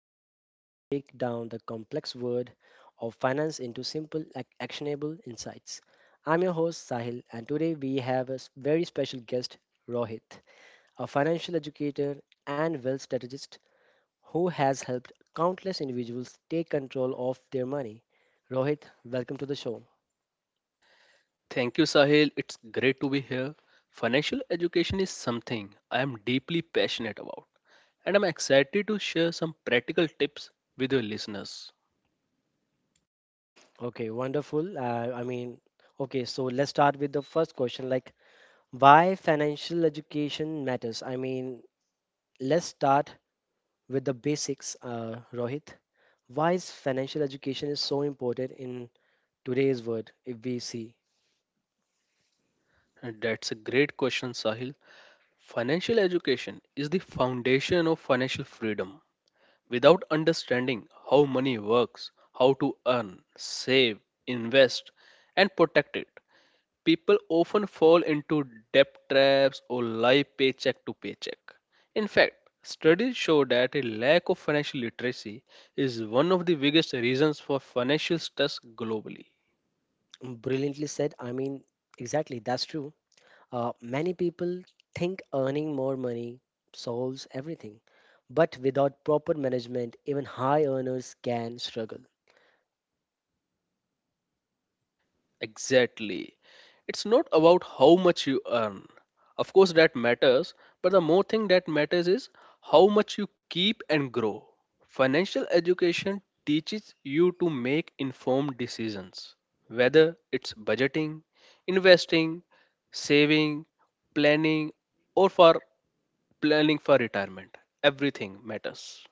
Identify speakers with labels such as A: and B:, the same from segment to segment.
A: podcast where we break down the complex world of finance into simple, actionable insights. I'm your host Sahil, and today we have a very special guest, Rohit, a financial educator and wealth strategist who has helped countless individuals take control of their money. Rohit, welcome to the show.
B: Thank you, Sahil. It's great to be here. Financial education is something I am deeply passionate about, and I'm excited to share some practical tips with your listeners.
A: Okay, wonderful. Okay, so let's start with the first question, like, why financial education matters? I mean, let's start with the basics, Rohit. Why is financial education is so important in today's world? If we see,
B: And that's a great question, Sahil. Financial education is the foundation of financial freedom. Without understanding how money works, how to earn, save, invest, and protect it, people often fall into debt traps or live paycheck to paycheck. In fact, studies show that a lack of financial literacy is one of the biggest reasons for financial stress globally.
A: brilliantly said. I mean, exactly, that's true. Many people think earning more money solves everything, but without proper management, even high earners can struggle.
B: Exactly. It's not about how much you earn. Of course, that matters, but the more thing that matters is how much you keep and grow. Financial education teaches you to make informed decisions, whether it's budgeting, investing, saving, planning, or for planning for retirement. Everything matters.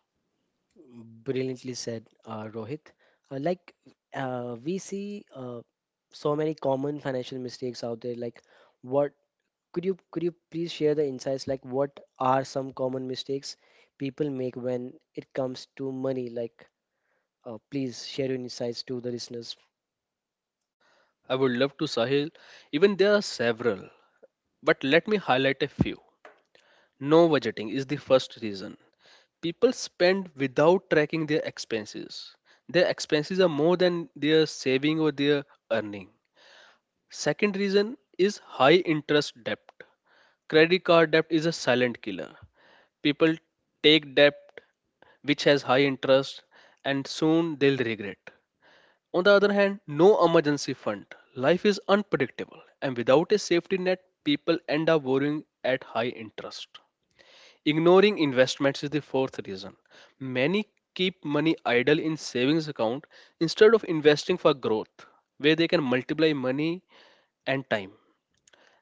A: Brilliantly said, Rohit. Uh, like we see so many common financial mistakes out there, like what could you please share the insights, like what are some common mistakes people make when it comes to money? Like, please share your insights to the listeners.
B: I would love to, Sahil, even there are several, but let me highlight a few. No budgeting is the first reason. People spend without tracking their expenses. Their expenses are more than their saving or their earning. Second reason is high interest debt. Credit card debt is a silent killer. People take debt which has high interest and soon they'll regret. On the other hand, no emergency fund. Life is unpredictable and without a safety net, people end up borrowing at high interest. Ignoring investments is the fourth reason. Many keep money idle in savings account instead of investing for growth where they can multiply money and time.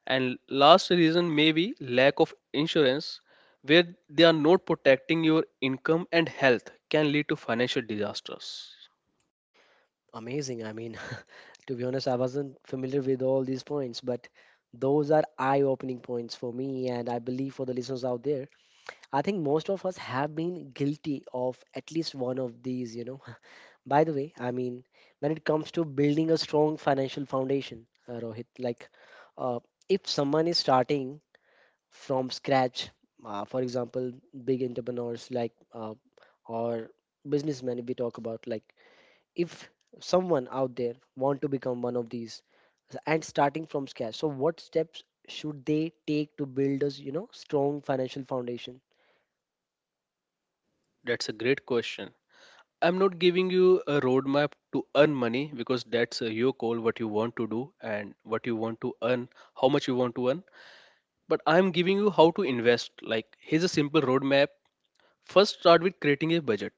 B: And last reason may be lack of insurance where they are not protecting your income and health can lead to financial disasters.
A: Amazing. I mean, to be honest, I wasn't familiar with all these points, but those are eye-opening points for me, and I believe for the listeners out there. I think most of us have been guilty of at least one of these, you know. By the way, I mean, when it comes to building a strong financial foundation, Rohit, like uh, if someone is starting from scratch, for example, big entrepreneurs like or businessmen, if we talk about, like if someone out there want to become one of these and starting from scratch, so what steps should they take to build a, you know, strong financial foundation?
B: That's a great question. I'm not giving you a roadmap to earn money because that's your goal, what you want to do and what you want to earn, how much you want to earn, but I'm giving you how to invest. Like, here's a simple roadmap. First, start with creating a budget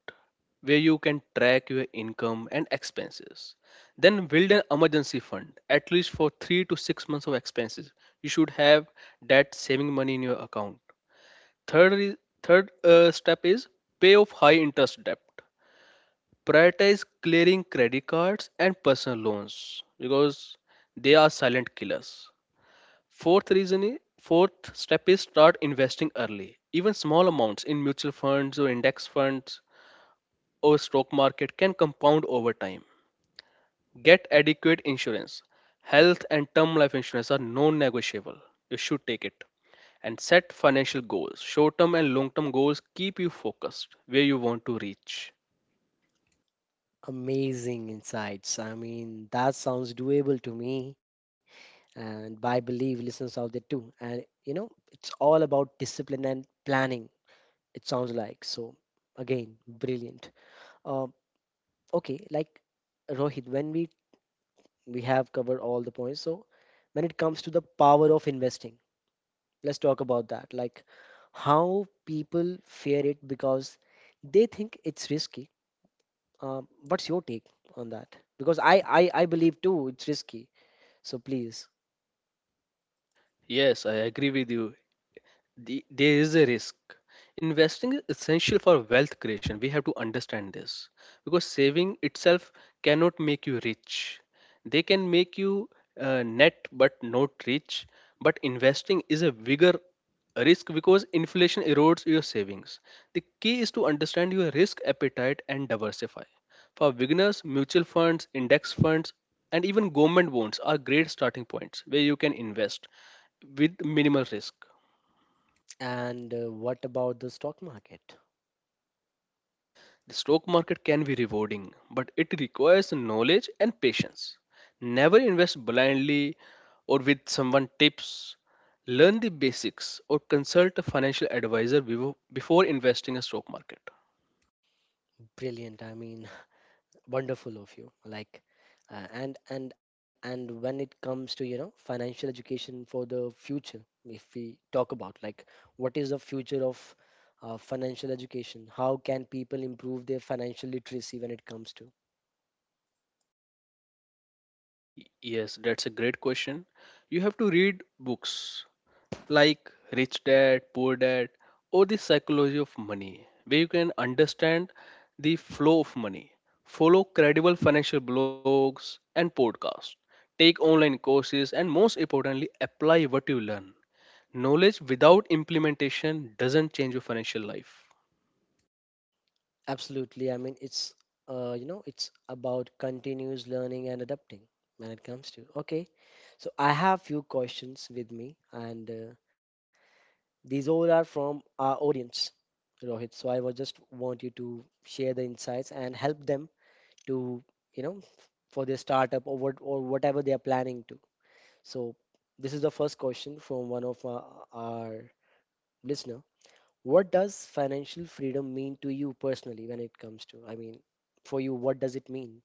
B: where you can track your income and expenses. Then, build an emergency fund, at least for 3 to 6 months of expenses. You should have that saving money in your account. Third, is- third, step is pay off high interest debt. Prioritize clearing credit cards and personal loans because they are silent killers. Fourth step is start investing early. Even small amounts in mutual funds or index funds or stock market can compound over time. Get adequate insurance. Health and term life insurance are non-negotiable. You should take it. And set financial goals. Short-term and long-term goals keep you focused where you want to reach.
A: Amazing insights. I mean, that sounds doable to me, and by believe listeners out there too, and you know, it's all about discipline and planning, it sounds like. So again, brilliant. uh, okay like Rohit, when we have covered all the points, so when it comes to the power of investing, let's talk about that, like how people fear it because they think it's risky. uh, what's your take on that? Because I believe too it's risky, so please.
B: Yes, I agree with you. There is a risk. Investing is essential for wealth creation. We have to understand this because saving itself cannot make you rich. They can make you net but not rich. But investing is a bigger risk because inflation erodes your savings. The key is to understand your risk appetite and diversify. For beginners, mutual funds, index funds, and even government bonds are great starting points where you can invest with minimal risk.
A: And what about the stock market?
B: The stock market can be rewarding, but it requires knowledge and patience. Never invest blindly or with someone tips. Learn the basics or consult a financial advisor before investing in stock market.
A: Brilliant. I mean, wonderful of you. Like, and when it comes to, you know, financial education for the future, if we talk about, like what is the future of financial education? How can people improve their financial literacy when it comes to?
B: Yes, that's a great question. You have to read books like Rich Dad, Poor Dad, or The Psychology of Money, where you can understand the flow of money. Follow credible financial blogs and podcasts. Take online courses and most importantly, apply what you learn. Knowledge without implementation doesn't change your financial life.
A: Absolutely. I mean, it's you know, it's about continuous learning and adapting when it comes to. Okay. So I have few questions with me, and these all are from our audience, Rohit. So I was just want you to share the insights and help them to, you know, for their startup or what or whatever they are planning to. So this is the first question from one of our listener. What does financial freedom mean to you personally when it comes to? I mean, for you, what does it mean?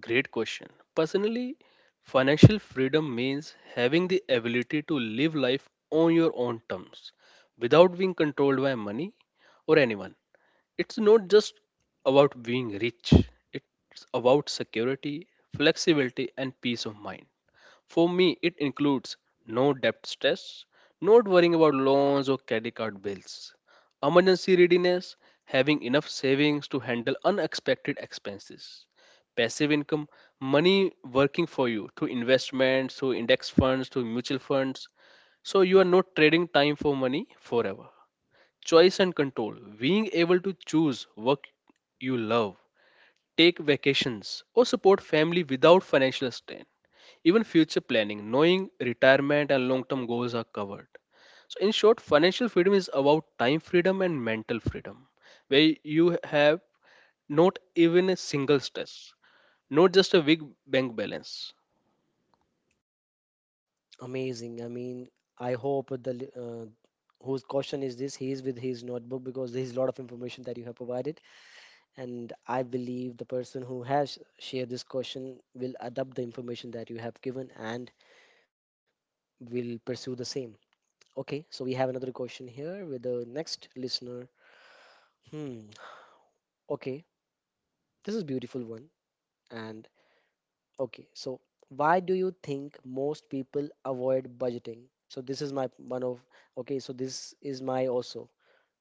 B: Great question. Personally, financial freedom means having the ability to live life on your own terms without being controlled by money or anyone. It's not just about being rich, it's about security, flexibility, and peace of mind. For me, it includes no debt stress, not worrying about loans or credit card bills, emergency readiness, having enough savings to handle unexpected expenses, passive income, money working for you through investments, through index funds, through mutual funds, so you are not trading time for money forever. Choice and control. Being able to choose work you love, take vacations, or support family without financial strain. Even future planning, knowing retirement and long term goals are covered. So, in short, financial freedom is about time freedom and mental freedom, where you have not even a single stress, not just a big bank balance.
A: Amazing. I mean, I hope the whose question is this? He is with his notebook, because there is a lot of information that you have provided. And I believe the person who has shared this question will adopt the information that you have given and will pursue the same. Okay, so we have another question here with the next listener. Hmm, okay, this is beautiful one. And okay, so why do you think most people avoid budgeting? So this is my one of okay, so this is my also.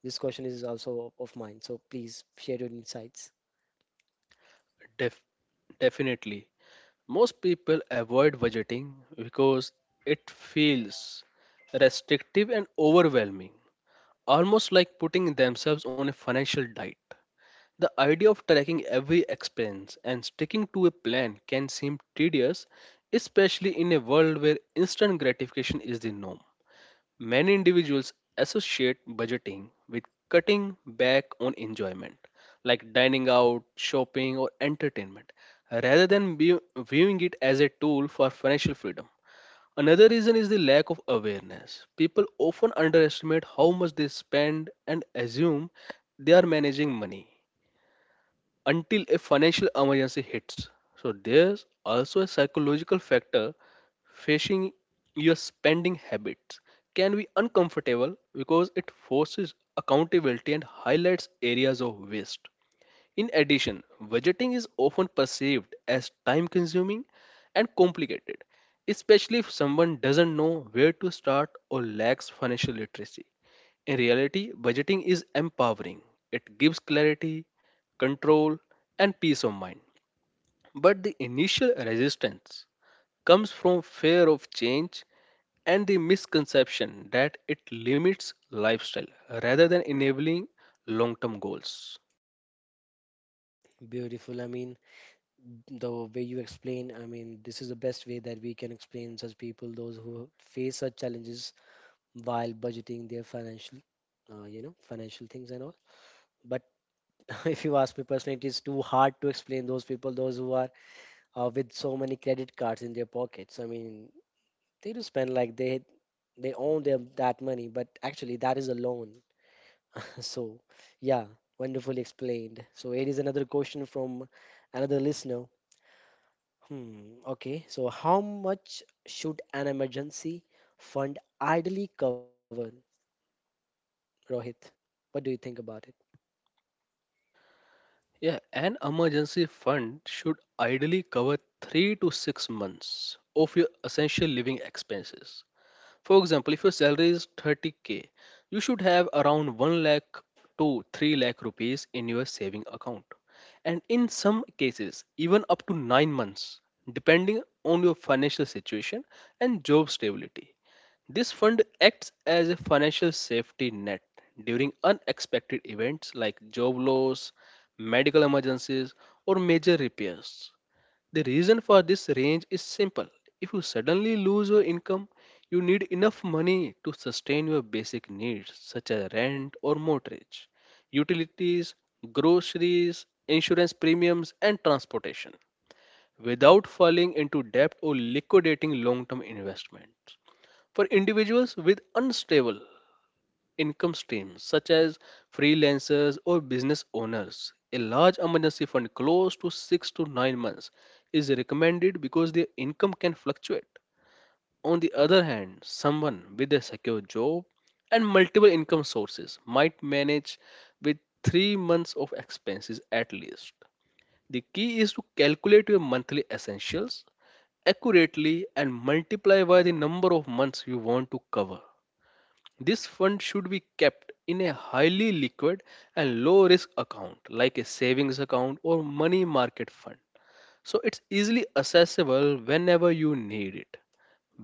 A: This question is also of mine. So please share your insights.
B: Def- definitely. Most people avoid budgeting because it feels restrictive and overwhelming, almost like putting themselves on a financial diet. The idea of tracking every expense and sticking to a plan can seem tedious, especially in a world where instant gratification is the norm. Many individuals associate budgeting with cutting back on enjoyment, like dining out, shopping, or entertainment, rather than viewing it as a tool for financial freedom. Another reason is the lack of awareness. People often underestimate how much they spend and assume they are managing money until a financial emergency hits. So there's also a psychological factor, facing your spending habits can be uncomfortable because it forces accountability and highlights areas of waste. In addition, budgeting is often perceived as time consuming and complicated, especially if someone doesn't know where to start or lacks financial literacy. In reality, budgeting is empowering. It gives clarity, control, and peace of mind. But the initial resistance comes from fear of change and the misconception that it limits lifestyle rather than enabling long term goals.
A: Beautiful. I mean, the way you explain, I mean, this is the best way that we can explain such people, those who face such challenges while budgeting their financial, you know, financial things and all. But if you ask me personally, it is too hard to explain those people, those who are with so many credit cards in their pockets. I mean, they do spend like they own them that money, but actually that is a loan. So yeah, wonderfully explained. So it is another question from another listener. Hmm, okay, so how much should an emergency fund ideally cover, Rohit? What do you think about it?
B: Yeah, an emergency fund should ideally cover 3 to 6 months of your essential living expenses. For example, if your salary is 30K, you should have around 1 lakh to 3 lakh rupees in your saving account. And in some cases, even up to 9 months, depending on your financial situation and job stability. This fund acts as a financial safety net during unexpected events like job loss, medical emergencies, or major repairs. The reason for this range is simple. If you suddenly lose your income, you need enough money to sustain your basic needs such as rent or mortgage, utilities, groceries, insurance premiums, and transportation without falling into debt or liquidating long term investments. For individuals with unstable income streams, such as freelancers or business owners, a large emergency fund close to 6 to 9 months is recommended because their income can fluctuate. On the other hand, someone with a secure job and multiple income sources might manage with 3 months of expenses at least. The key is to calculate your monthly essentials accurately and multiply by the number of months you want to cover. This fund should be kept in a highly liquid and low risk account like a savings account or money market fund. So it's easily accessible whenever you need it.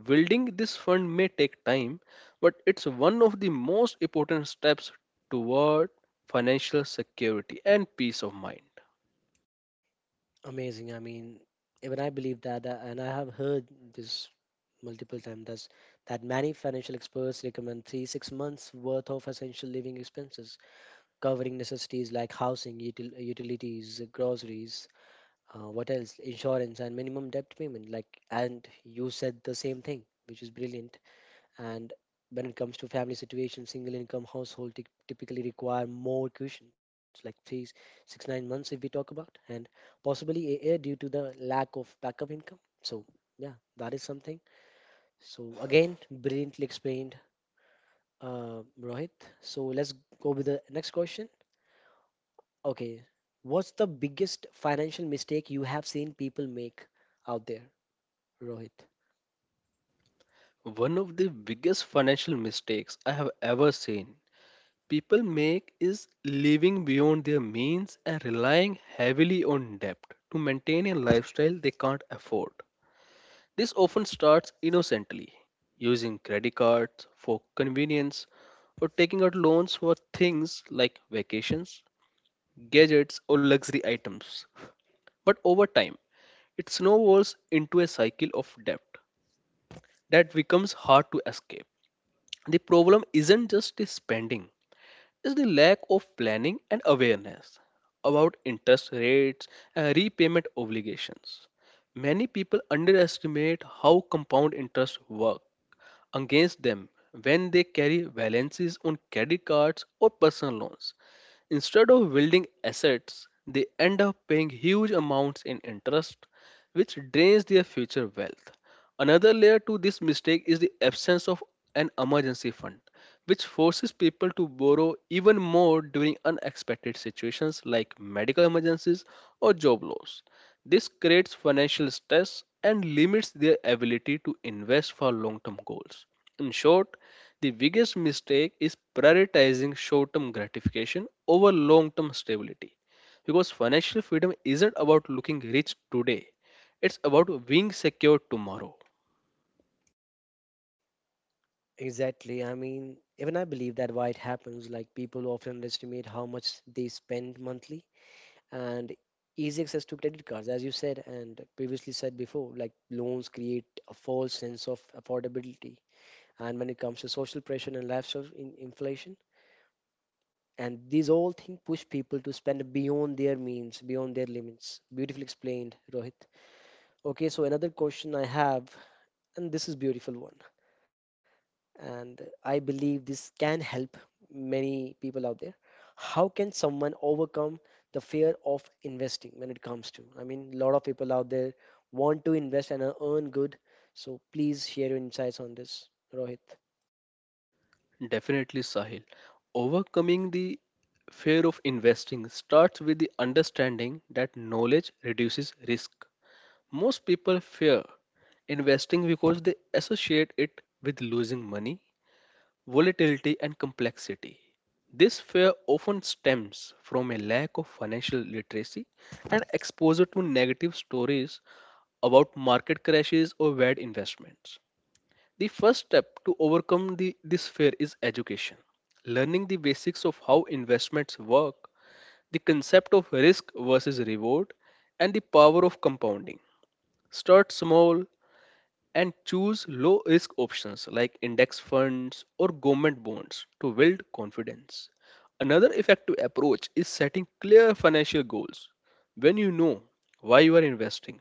B: Building this fund may take time, but it's one of the most important steps toward financial security and peace of mind.
A: Amazing. I mean, even I believe that, and I have heard this multiple times that many financial experts recommend 3-6 months worth of essential living expenses, covering necessities like housing, utilities, groceries, what else, insurance, and minimum debt payment. Like, and you said the same thing, which is brilliant. And when it comes to family situation, single income household typically require more cushions, like three, six, 9 months if we talk about, and possibly a year due to the lack of backup income. So yeah, that is something. So again, brilliantly explained, Rohit. So let's go with the next question. Okay, what's the biggest financial mistake you have seen people make out there, Rohit?
B: One of the biggest financial mistakes I have ever seen people make is living beyond their means and relying heavily on debt to maintain a lifestyle they can't afford. This often starts innocently, using credit cards for convenience or taking out loans for things like vacations, gadgets, or luxury items. But over time, it snowballs into a cycle of debt that becomes hard to escape. The problem isn't just the spending, it's the lack of planning and awareness about interest rates and repayment obligations. Many people underestimate how compound interest work against them when they carry balances on credit cards or personal loans. Instead of building assets, they end up paying huge amounts in interest, which drains their future wealth. Another layer to this mistake is the absence of an emergency fund, which forces people to borrow even more during unexpected situations like medical emergencies or job loss. This creates financial stress and limits their ability to invest for long term goals. In short, the biggest mistake is prioritizing short term gratification over long term stability. Because financial freedom isn't about looking rich today, it's about being secure tomorrow.
A: Exactly. I mean, even I believe that why it happens, like people often underestimate how much they spend monthly, and easy access to credit cards, as you said and previously said before, like loans create a false sense of affordability. And when it comes to social pressure and lifestyle in inflation, and these all things push people to spend beyond their means, beyond their limits. Beautifully explained, Rohit. Okay, so another question I have, and this is beautiful one. And I believe this can help many people out there. How can someone overcome the fear of investing when it comes to? I mean, a lot of people out there want to invest and earn good. So please share your insights on this, Rohit.
B: Definitely, Sahil. Overcoming the fear of investing starts with the understanding that knowledge reduces risk. Most people fear investing because they associate it with losing money, volatility and complexity. This fear often stems from a lack of financial literacy and exposure to negative stories about market crashes or bad investments. The first step to overcome this fear is education. Learning the basics of how investments work, the concept of risk versus reward, and the power of compounding. Start small, and choose low risk options like index funds or government bonds to build confidence. Another effective approach is setting clear financial goals. When you know why you are investing,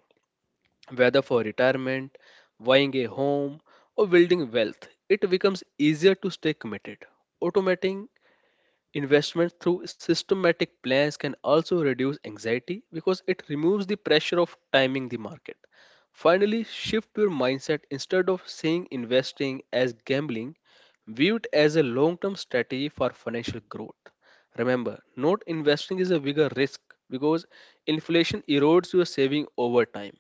B: whether for retirement, buying a home, or building wealth, it becomes easier to stay committed. Automating Investment through systematic plans can also reduce anxiety because it removes the pressure of timing the market. Finally, shift your mindset instead of seeing investing as gambling, view it as a long term strategy for financial growth. Remember, not investing is a bigger risk because inflation erodes your saving over time.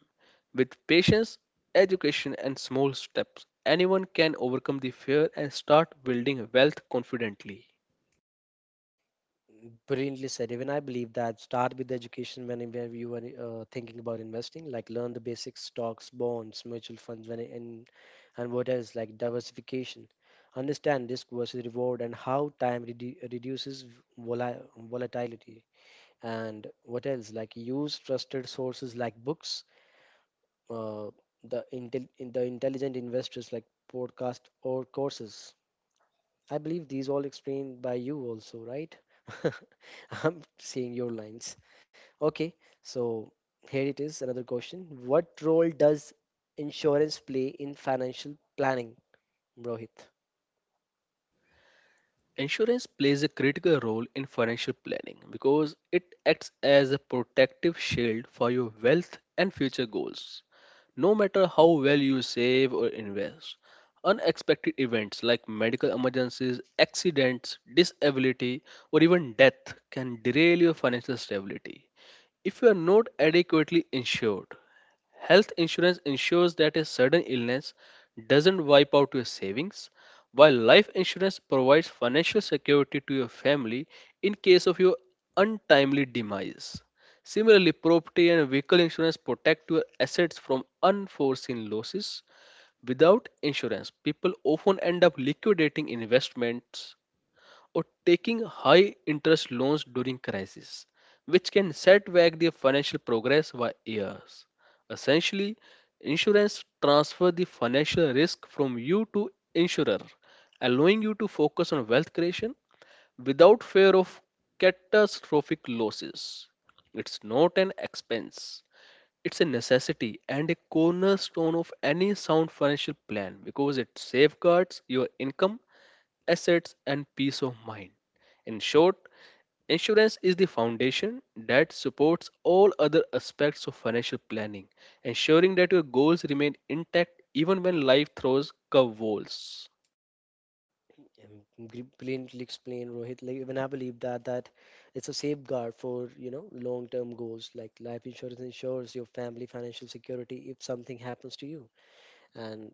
B: With patience, education, and small steps, anyone can overcome the fear and start building wealth confidently.
A: Brilliantly said. Even I believe that start with the education whenever you are thinking about investing, like learn the basics, stocks, bonds, mutual funds, when and what else like diversification. Understand risk versus reward and how time reduces vola- volatility. And what else, like use trusted sources like books, uh, in the intelligent investors, like podcast or courses. I believe these all explained by you also, right? I'm seeing your lines. Okay, so here it is, another question. What role does insurance play in financial planning, Rohit?
B: Insurance plays a critical role in financial planning because it acts as a protective shield for your wealth and future goals. No matter how well you save or invest, unexpected events like medical emergencies, accidents, disability, or even death can derail your financial stability. If you are not adequately insured, health insurance ensures that a sudden illness doesn't wipe out your savings, while life insurance provides financial security to your family in case of your untimely demise. Similarly, property and vehicle insurance protect your assets from unforeseen losses. Without insurance, people often end up liquidating investments or taking high interest loans during crisis, which can set back their financial progress by years. Essentially, insurance transfer the financial risk from you to insurer, allowing you to focus on wealth creation without fear of catastrophic losses. It's not an expense. It's a necessity and a cornerstone of any sound financial plan because it safeguards your income, assets, and peace of mind. In short, insurance is the foundation that supports all other aspects of financial planning, ensuring that your goals remain intact even when life throws curveballs.
A: Brilliantly explained, Rohit. Like even I believe that it's a safeguard for, you know, long-term goals. Like life insurance ensures your family financial security if something happens to you, and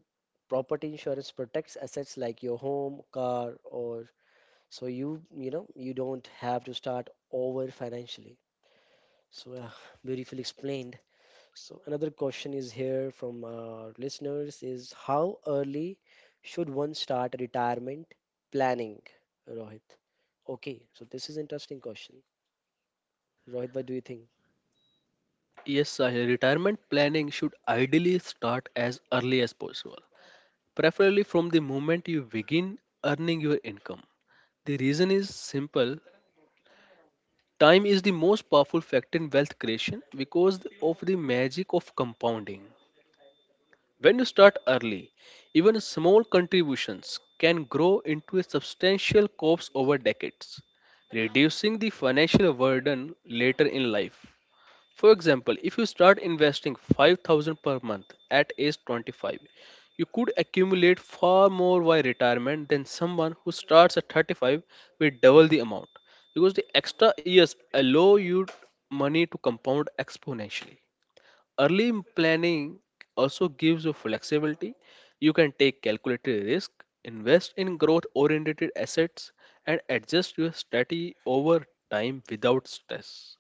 A: property insurance protects assets like your home, car, or so you know, you don't have to start over financially. So beautifully explained. So another question is here from our listeners is how early should one start retirement planning, Rohit? Okay, so this is interesting question, Rohit. What do you think?
B: Yes, Sahil, retirement planning should ideally start as early as possible, preferably from the moment you begin earning your income. The reason is simple. Time is the most powerful factor in wealth creation because of the magic of compounding. When you start early, even small contributions can grow into a substantial corpse over decades, reducing the financial burden later in life. For example, if you start investing 5,000 per month at age 25, you could accumulate far more by retirement than someone who starts at 35 with double the amount, because the extra years allow you money to compound exponentially. Planning also gives you flexibility. You can take calculated risk, invest in growth oriented assets, and adjust your strategy over time without stress.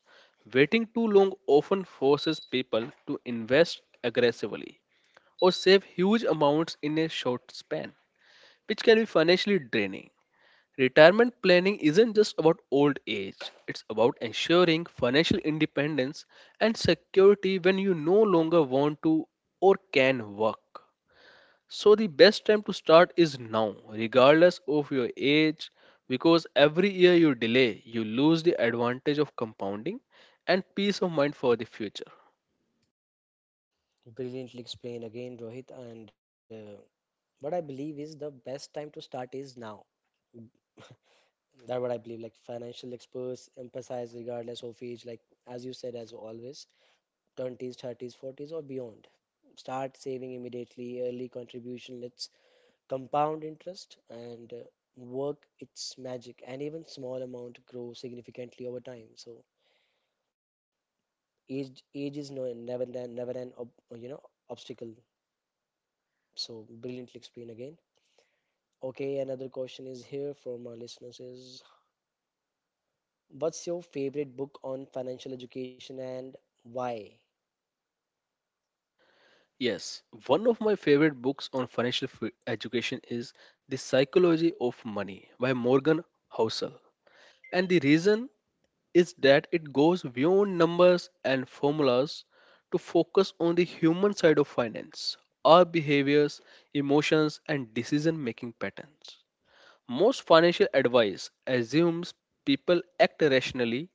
B: Waiting too long often forces people to invest aggressively or save huge amounts in a short span, which can be financially draining. Retirement planning isn't just about old age, it's about ensuring financial independence and security when you no longer want to or can work. So, the best time to start is now, regardless of your age, because every year you delay, you lose the advantage of compounding and peace of mind for the future.
A: Brilliantly explained again, Rohit, and what I believe is the best time to start is now. That what I believe, like financial experts emphasize regardless of age, like as you said as always, 20s, 30s, 40s, or beyond. Start saving immediately, early contribution. Let's compound interest and work its magic, and even small amount grow significantly over time. So age is never an you know, obstacle. So brilliantly explained again. Okay, another question is here from our listeners is what's your favorite book on financial education and why?
B: Yes, one of my favorite books on education is The Psychology of Money by Morgan Housel. And the reason is that it goes beyond numbers and formulas to focus on the human side of finance, our behaviors, emotions, and decision making patterns. Most financial advice assumes people act rationally,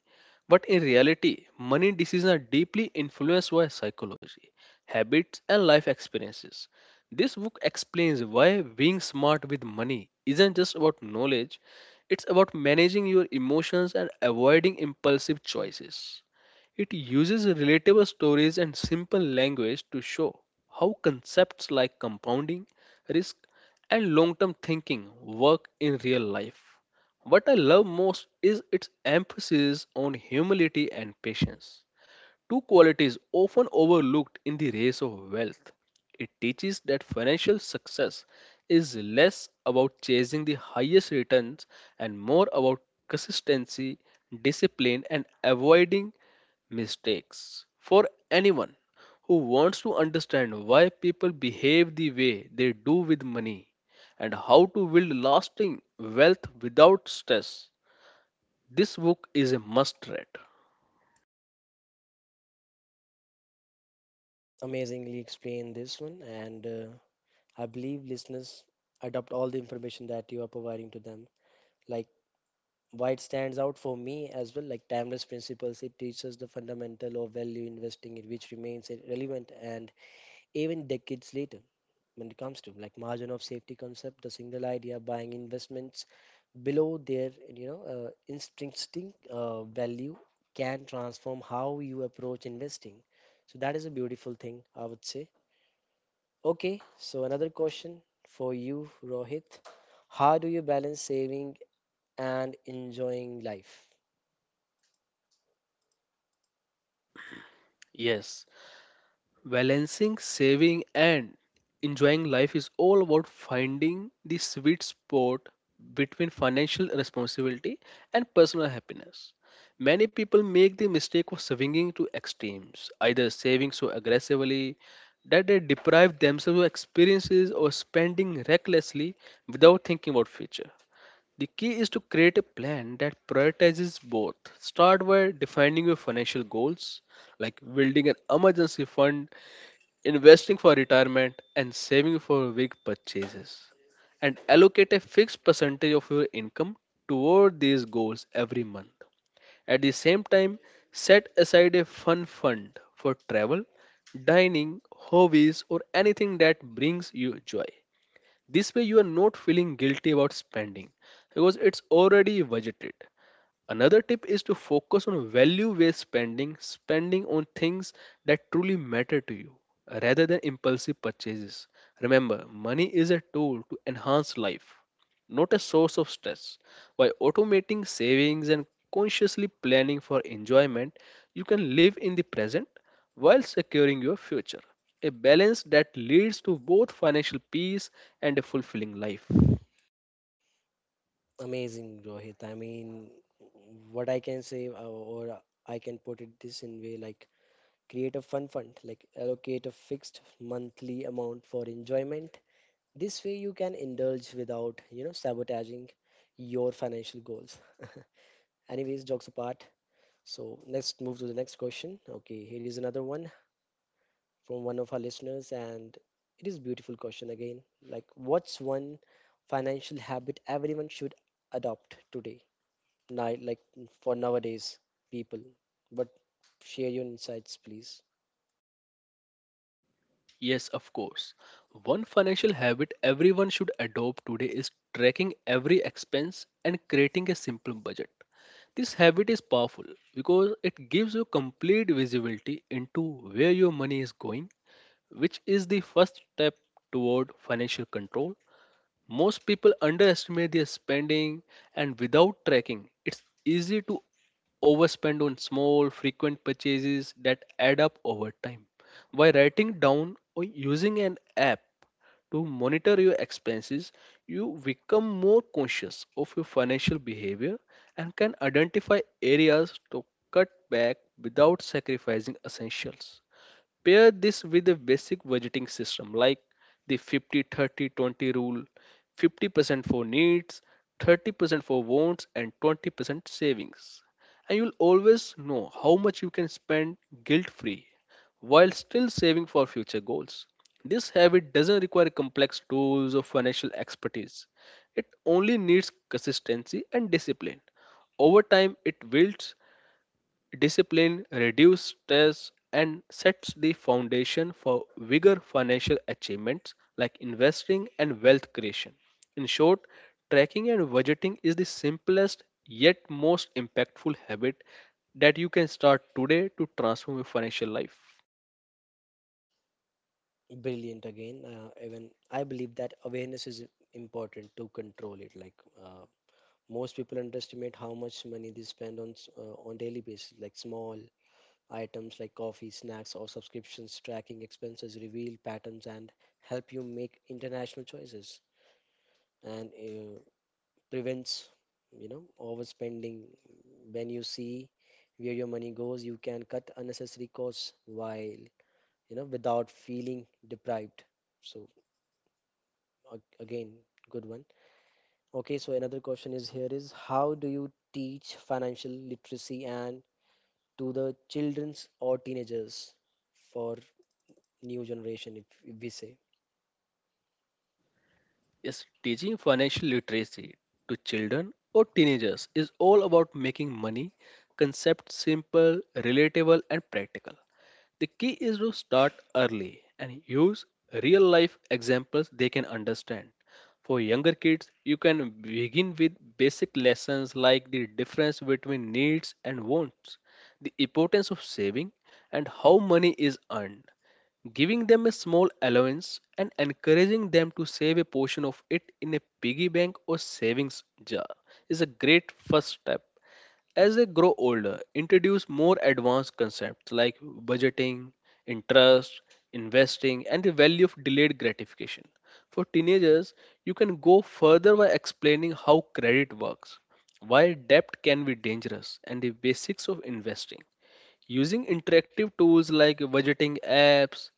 B: but in reality, money decisions are deeply influenced by psychology, habits, and life experiences. This book explains why being smart with money isn't just about knowledge, it's about managing your emotions and avoiding impulsive choices. It uses relatable stories and simple language to show how concepts like compounding, risk, and long term thinking work in real life. What I love most is its emphasis on humility and patience. Two qualities often overlooked in the race of wealth. It teaches that financial success is less about chasing the highest returns and more about consistency, discipline, and avoiding mistakes. For anyone who wants to understand why people behave the way they do with money and how to build lasting wealth without stress, this book is a must read.
A: Amazingly explained this one. And. I believe listeners adopt all the information that you are providing to them. Like why it stands out for me as well, like timeless principles, it teaches the fundamental of value investing in which remains it relevant and even decades later when it comes to, like margin of safety concept, the single idea buying investments below their, you know, intrinsic value can transform how you approach investing. So that is a beautiful thing, I would say. Okay, so another question for you, Rohit. How do you balance saving and enjoying life?
B: Yes, balancing saving and enjoying life is all about finding the sweet spot between financial responsibility and personal happiness. Many people make the mistake of swinging to extremes, either saving so aggressively that they deprive themselves of experiences or spending recklessly without thinking about future. The key is to create a plan that prioritizes both. Start by defining your financial goals, like building an emergency fund, investing for retirement, and saving for big purchases, and allocate a fixed percentage of your income toward these goals every month. At the same time, set aside a fun fund for travel, dining, hobbies, or anything that brings you joy. This way, you are not feeling guilty about spending because it's already budgeted. Another tip is to focus on value based spending, spending on things that truly matter to you rather than impulsive purchases. Remember, money is a tool to enhance life, not a source of stress. By automating savings and consciously planning for enjoyment, you can live in the present while securing your future. A balance that leads to both financial peace and a fulfilling life.
A: Amazing, Rohit. I mean, what I can say, or I can put it this in way, like create a fun fund, like allocate a fixed monthly amount for enjoyment. This way, you can indulge without, you know, sabotaging your financial goals. Anyways, jokes apart. So let's move to the next question. Okay, here is another one from one of our listeners, and it is beautiful question again. Like, what's one financial habit everyone should adopt today? Night, like for nowadays people. But share your insights, please.
B: Yes, of course. One financial habit everyone should adopt today is tracking every expense and creating a simple budget. This habit is powerful because it gives you complete visibility into where your money is going, which is the first step toward financial control. Most people underestimate their spending, and without tracking, it's easy to overspend on small, frequent purchases that add up over time. By writing down or using an app to monitor your expenses, you become more conscious of your financial behavior and can identify areas to cut back without sacrificing essentials. Pair this with a basic budgeting system like the 50 30 20 rule: 50% for needs, 30% for wants, and 20% savings. And you'll always know how much you can spend guilt free while still saving for future goals. This habit doesn't require complex tools or financial expertise, it only needs consistency and discipline. Over time, it builds discipline, reduces stress, and sets the foundation for bigger financial achievements like investing and wealth creation. In short, tracking and budgeting is the simplest yet most impactful habit that you can start today to transform your financial life.
A: Brilliant again. Even I believe that awareness is important to control it. Like uh, most people underestimate how much money they spend on on daily basis, like small items like coffee, snacks, or subscriptions. Tracking expenses reveal patterns and help you make international choices, and prevents, you know, overspending. When you see where your money goes, you can cut unnecessary costs while, you know, without feeling deprived. So again, good one. Okay, so another question is here is how do you teach financial literacy and to the children's or teenagers for new generation, if we say.
B: Yes, teaching financial literacy to children or teenagers is all about making money concept simple, relatable, and practical. The key is to start early and use real life examples they can understand. For younger kids, you can begin with basic lessons like the difference between needs and wants, the importance of saving, and how money is earned. Giving them a small allowance and encouraging them to save a portion of it in a piggy bank or savings jar is a great first step. As they grow older, introduce more advanced concepts like budgeting, interest, investing, and the value of delayed gratification. For teenagers, you can go further by explaining how credit works, why debt can be dangerous, and the basics of investing. Using interactive tools like budgeting apps,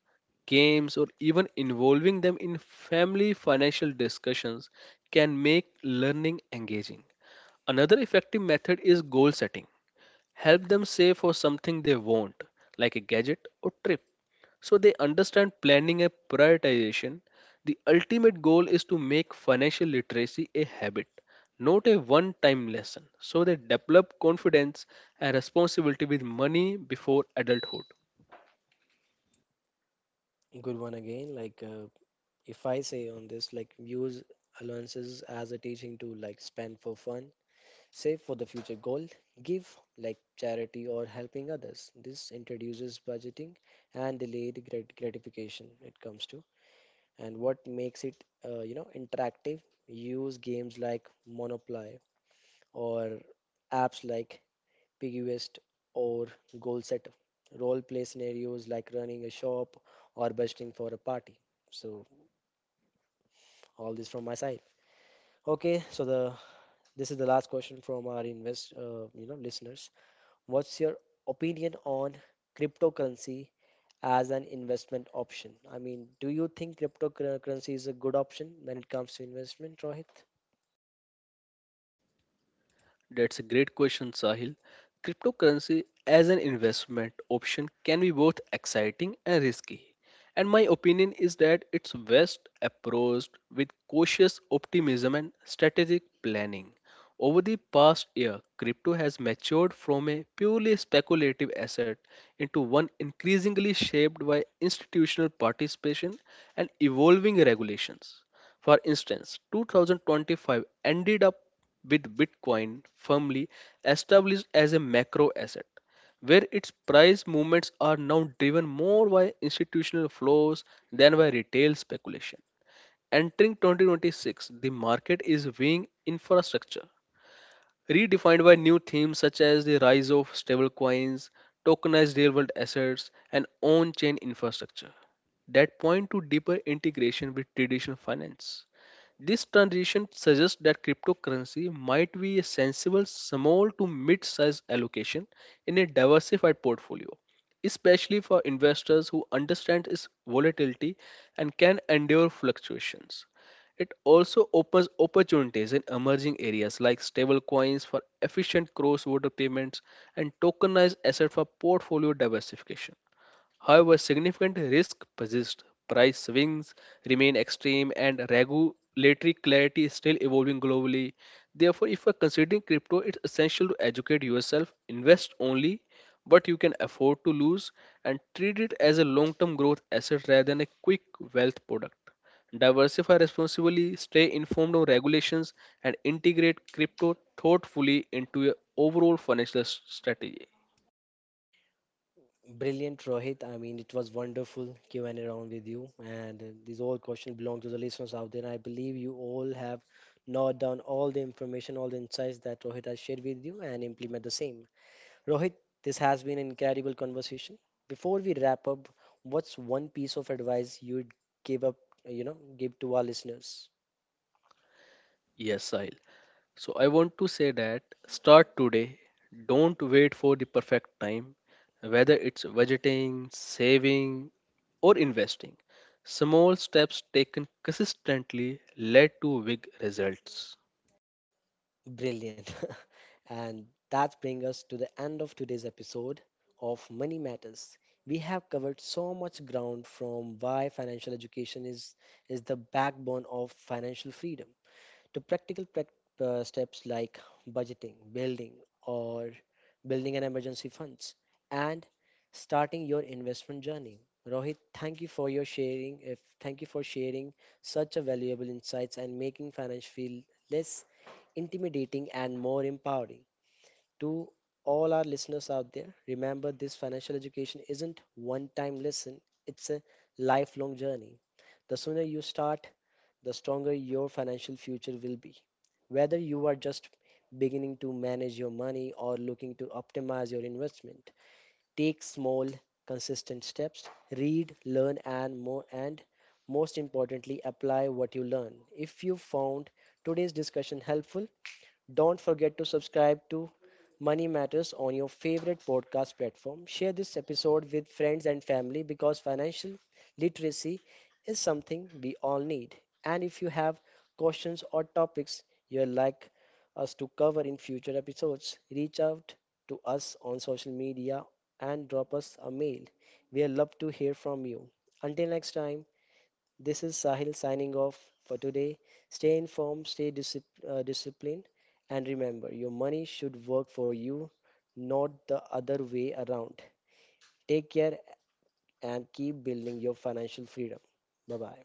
B: games, or even involving them in family financial discussions can make learning engaging. Another effective method is goal setting. Help them save for something they want, like a gadget or trip, so they understand planning and prioritization. The ultimate goal is to make financial literacy a habit, not a one time lesson, so they develop confidence and responsibility with money before adulthood.
A: Good one again, like if I say on this, like use allowances as a teaching tool, like spend for fun, save for the future goal, give like charity or helping others. This introduces budgeting and delayed gratification, it comes to. And what makes it you know, interactive, use games like Monopoly or apps like Piggyvest or Goal Setter, role play scenarios like running a shop or busting for a party. So all this from my side. Okay, so the this is the last question from our invest you know, listeners. What's your opinion on cryptocurrency as an investment option? I mean, do you think cryptocurrency is a good option when it comes to investment, Rohit?
B: That's a great question, Sahil. Cryptocurrency as an investment option can be both exciting and risky. And my opinion is that it's best approached with cautious optimism and strategic planning. Over the past year, crypto has matured from a purely speculative asset into one increasingly shaped by institutional participation and evolving regulations. For instance, 2025 ended up with Bitcoin firmly established as a macro asset, where its price movements are now driven more by institutional flows than by retail speculation. Entering 2026, the market is weighing infrastructure redefined by new themes such as the rise of stablecoins, tokenized real world assets, and on chain infrastructure that point to deeper integration with traditional finance. This transition suggests that cryptocurrency might be a sensible small to mid sized allocation in a diversified portfolio, especially for investors who understand its volatility and can endure fluctuations. It also opens opportunities in emerging areas like stablecoins for efficient cross border payments and tokenized assets for portfolio diversification. However, significant risk persists. Price swings remain extreme and regulatory clarity is still evolving globally. Therefore, if you're considering crypto, it's essential to educate yourself, invest only what you can afford to lose, and treat it as a long term growth asset rather than a quick wealth product. Diversify responsibly, stay informed on regulations, and integrate crypto thoughtfully into your overall strategy.
A: Brilliant, Rohit. I mean, it was wonderful Q&A round with you, and these all questions belong to the listeners out there. I believe you all have noted down all the information, all the insights that Rohit has shared with you, and implement the same. Rohit, this has been an incredible conversation. Before we wrap up, what's one piece of advice you'd give up, you know, give to our listeners?
B: Yes, Sahil. So I want to say that start today. Don't wait for the perfect time, whether it's budgeting, saving, or investing. Small steps taken consistently led to big results.
A: Brilliant. And that brings us to the end of today's episode of Money Matters. We have covered so much ground, from why financial is the backbone of financial freedom to practical steps like budgeting, building, or building an emergency funds, and starting your investment journey. Rohit, thank you for your sharing. If Thank you for sharing such a valuable insights and making finance feel less intimidating, and more empowering. To all our listeners out there, remember this financial education isn't one time lesson, it's a lifelong journey. The sooner you start, the stronger your financial future will be. Whether you are just beginning to manage your money or looking to optimize your investment, take small, consistent steps, read, learn, and more, and most importantly, apply what you learn. If you found today's discussion helpful, don't forget to subscribe to Money Matters on your favorite podcast platform. Share this episode with friends and family because financial literacy is something we all need. And if you have questions or topics you'd like us to cover in future episodes, reach out to us on social media and drop us a mail. We would love to hear from you. Until next time. This is Sahil signing off for today. Stay informed, stay disciplined, and remember your money should work for you, not the other way around. Take care and keep building your financial freedom. Bye bye.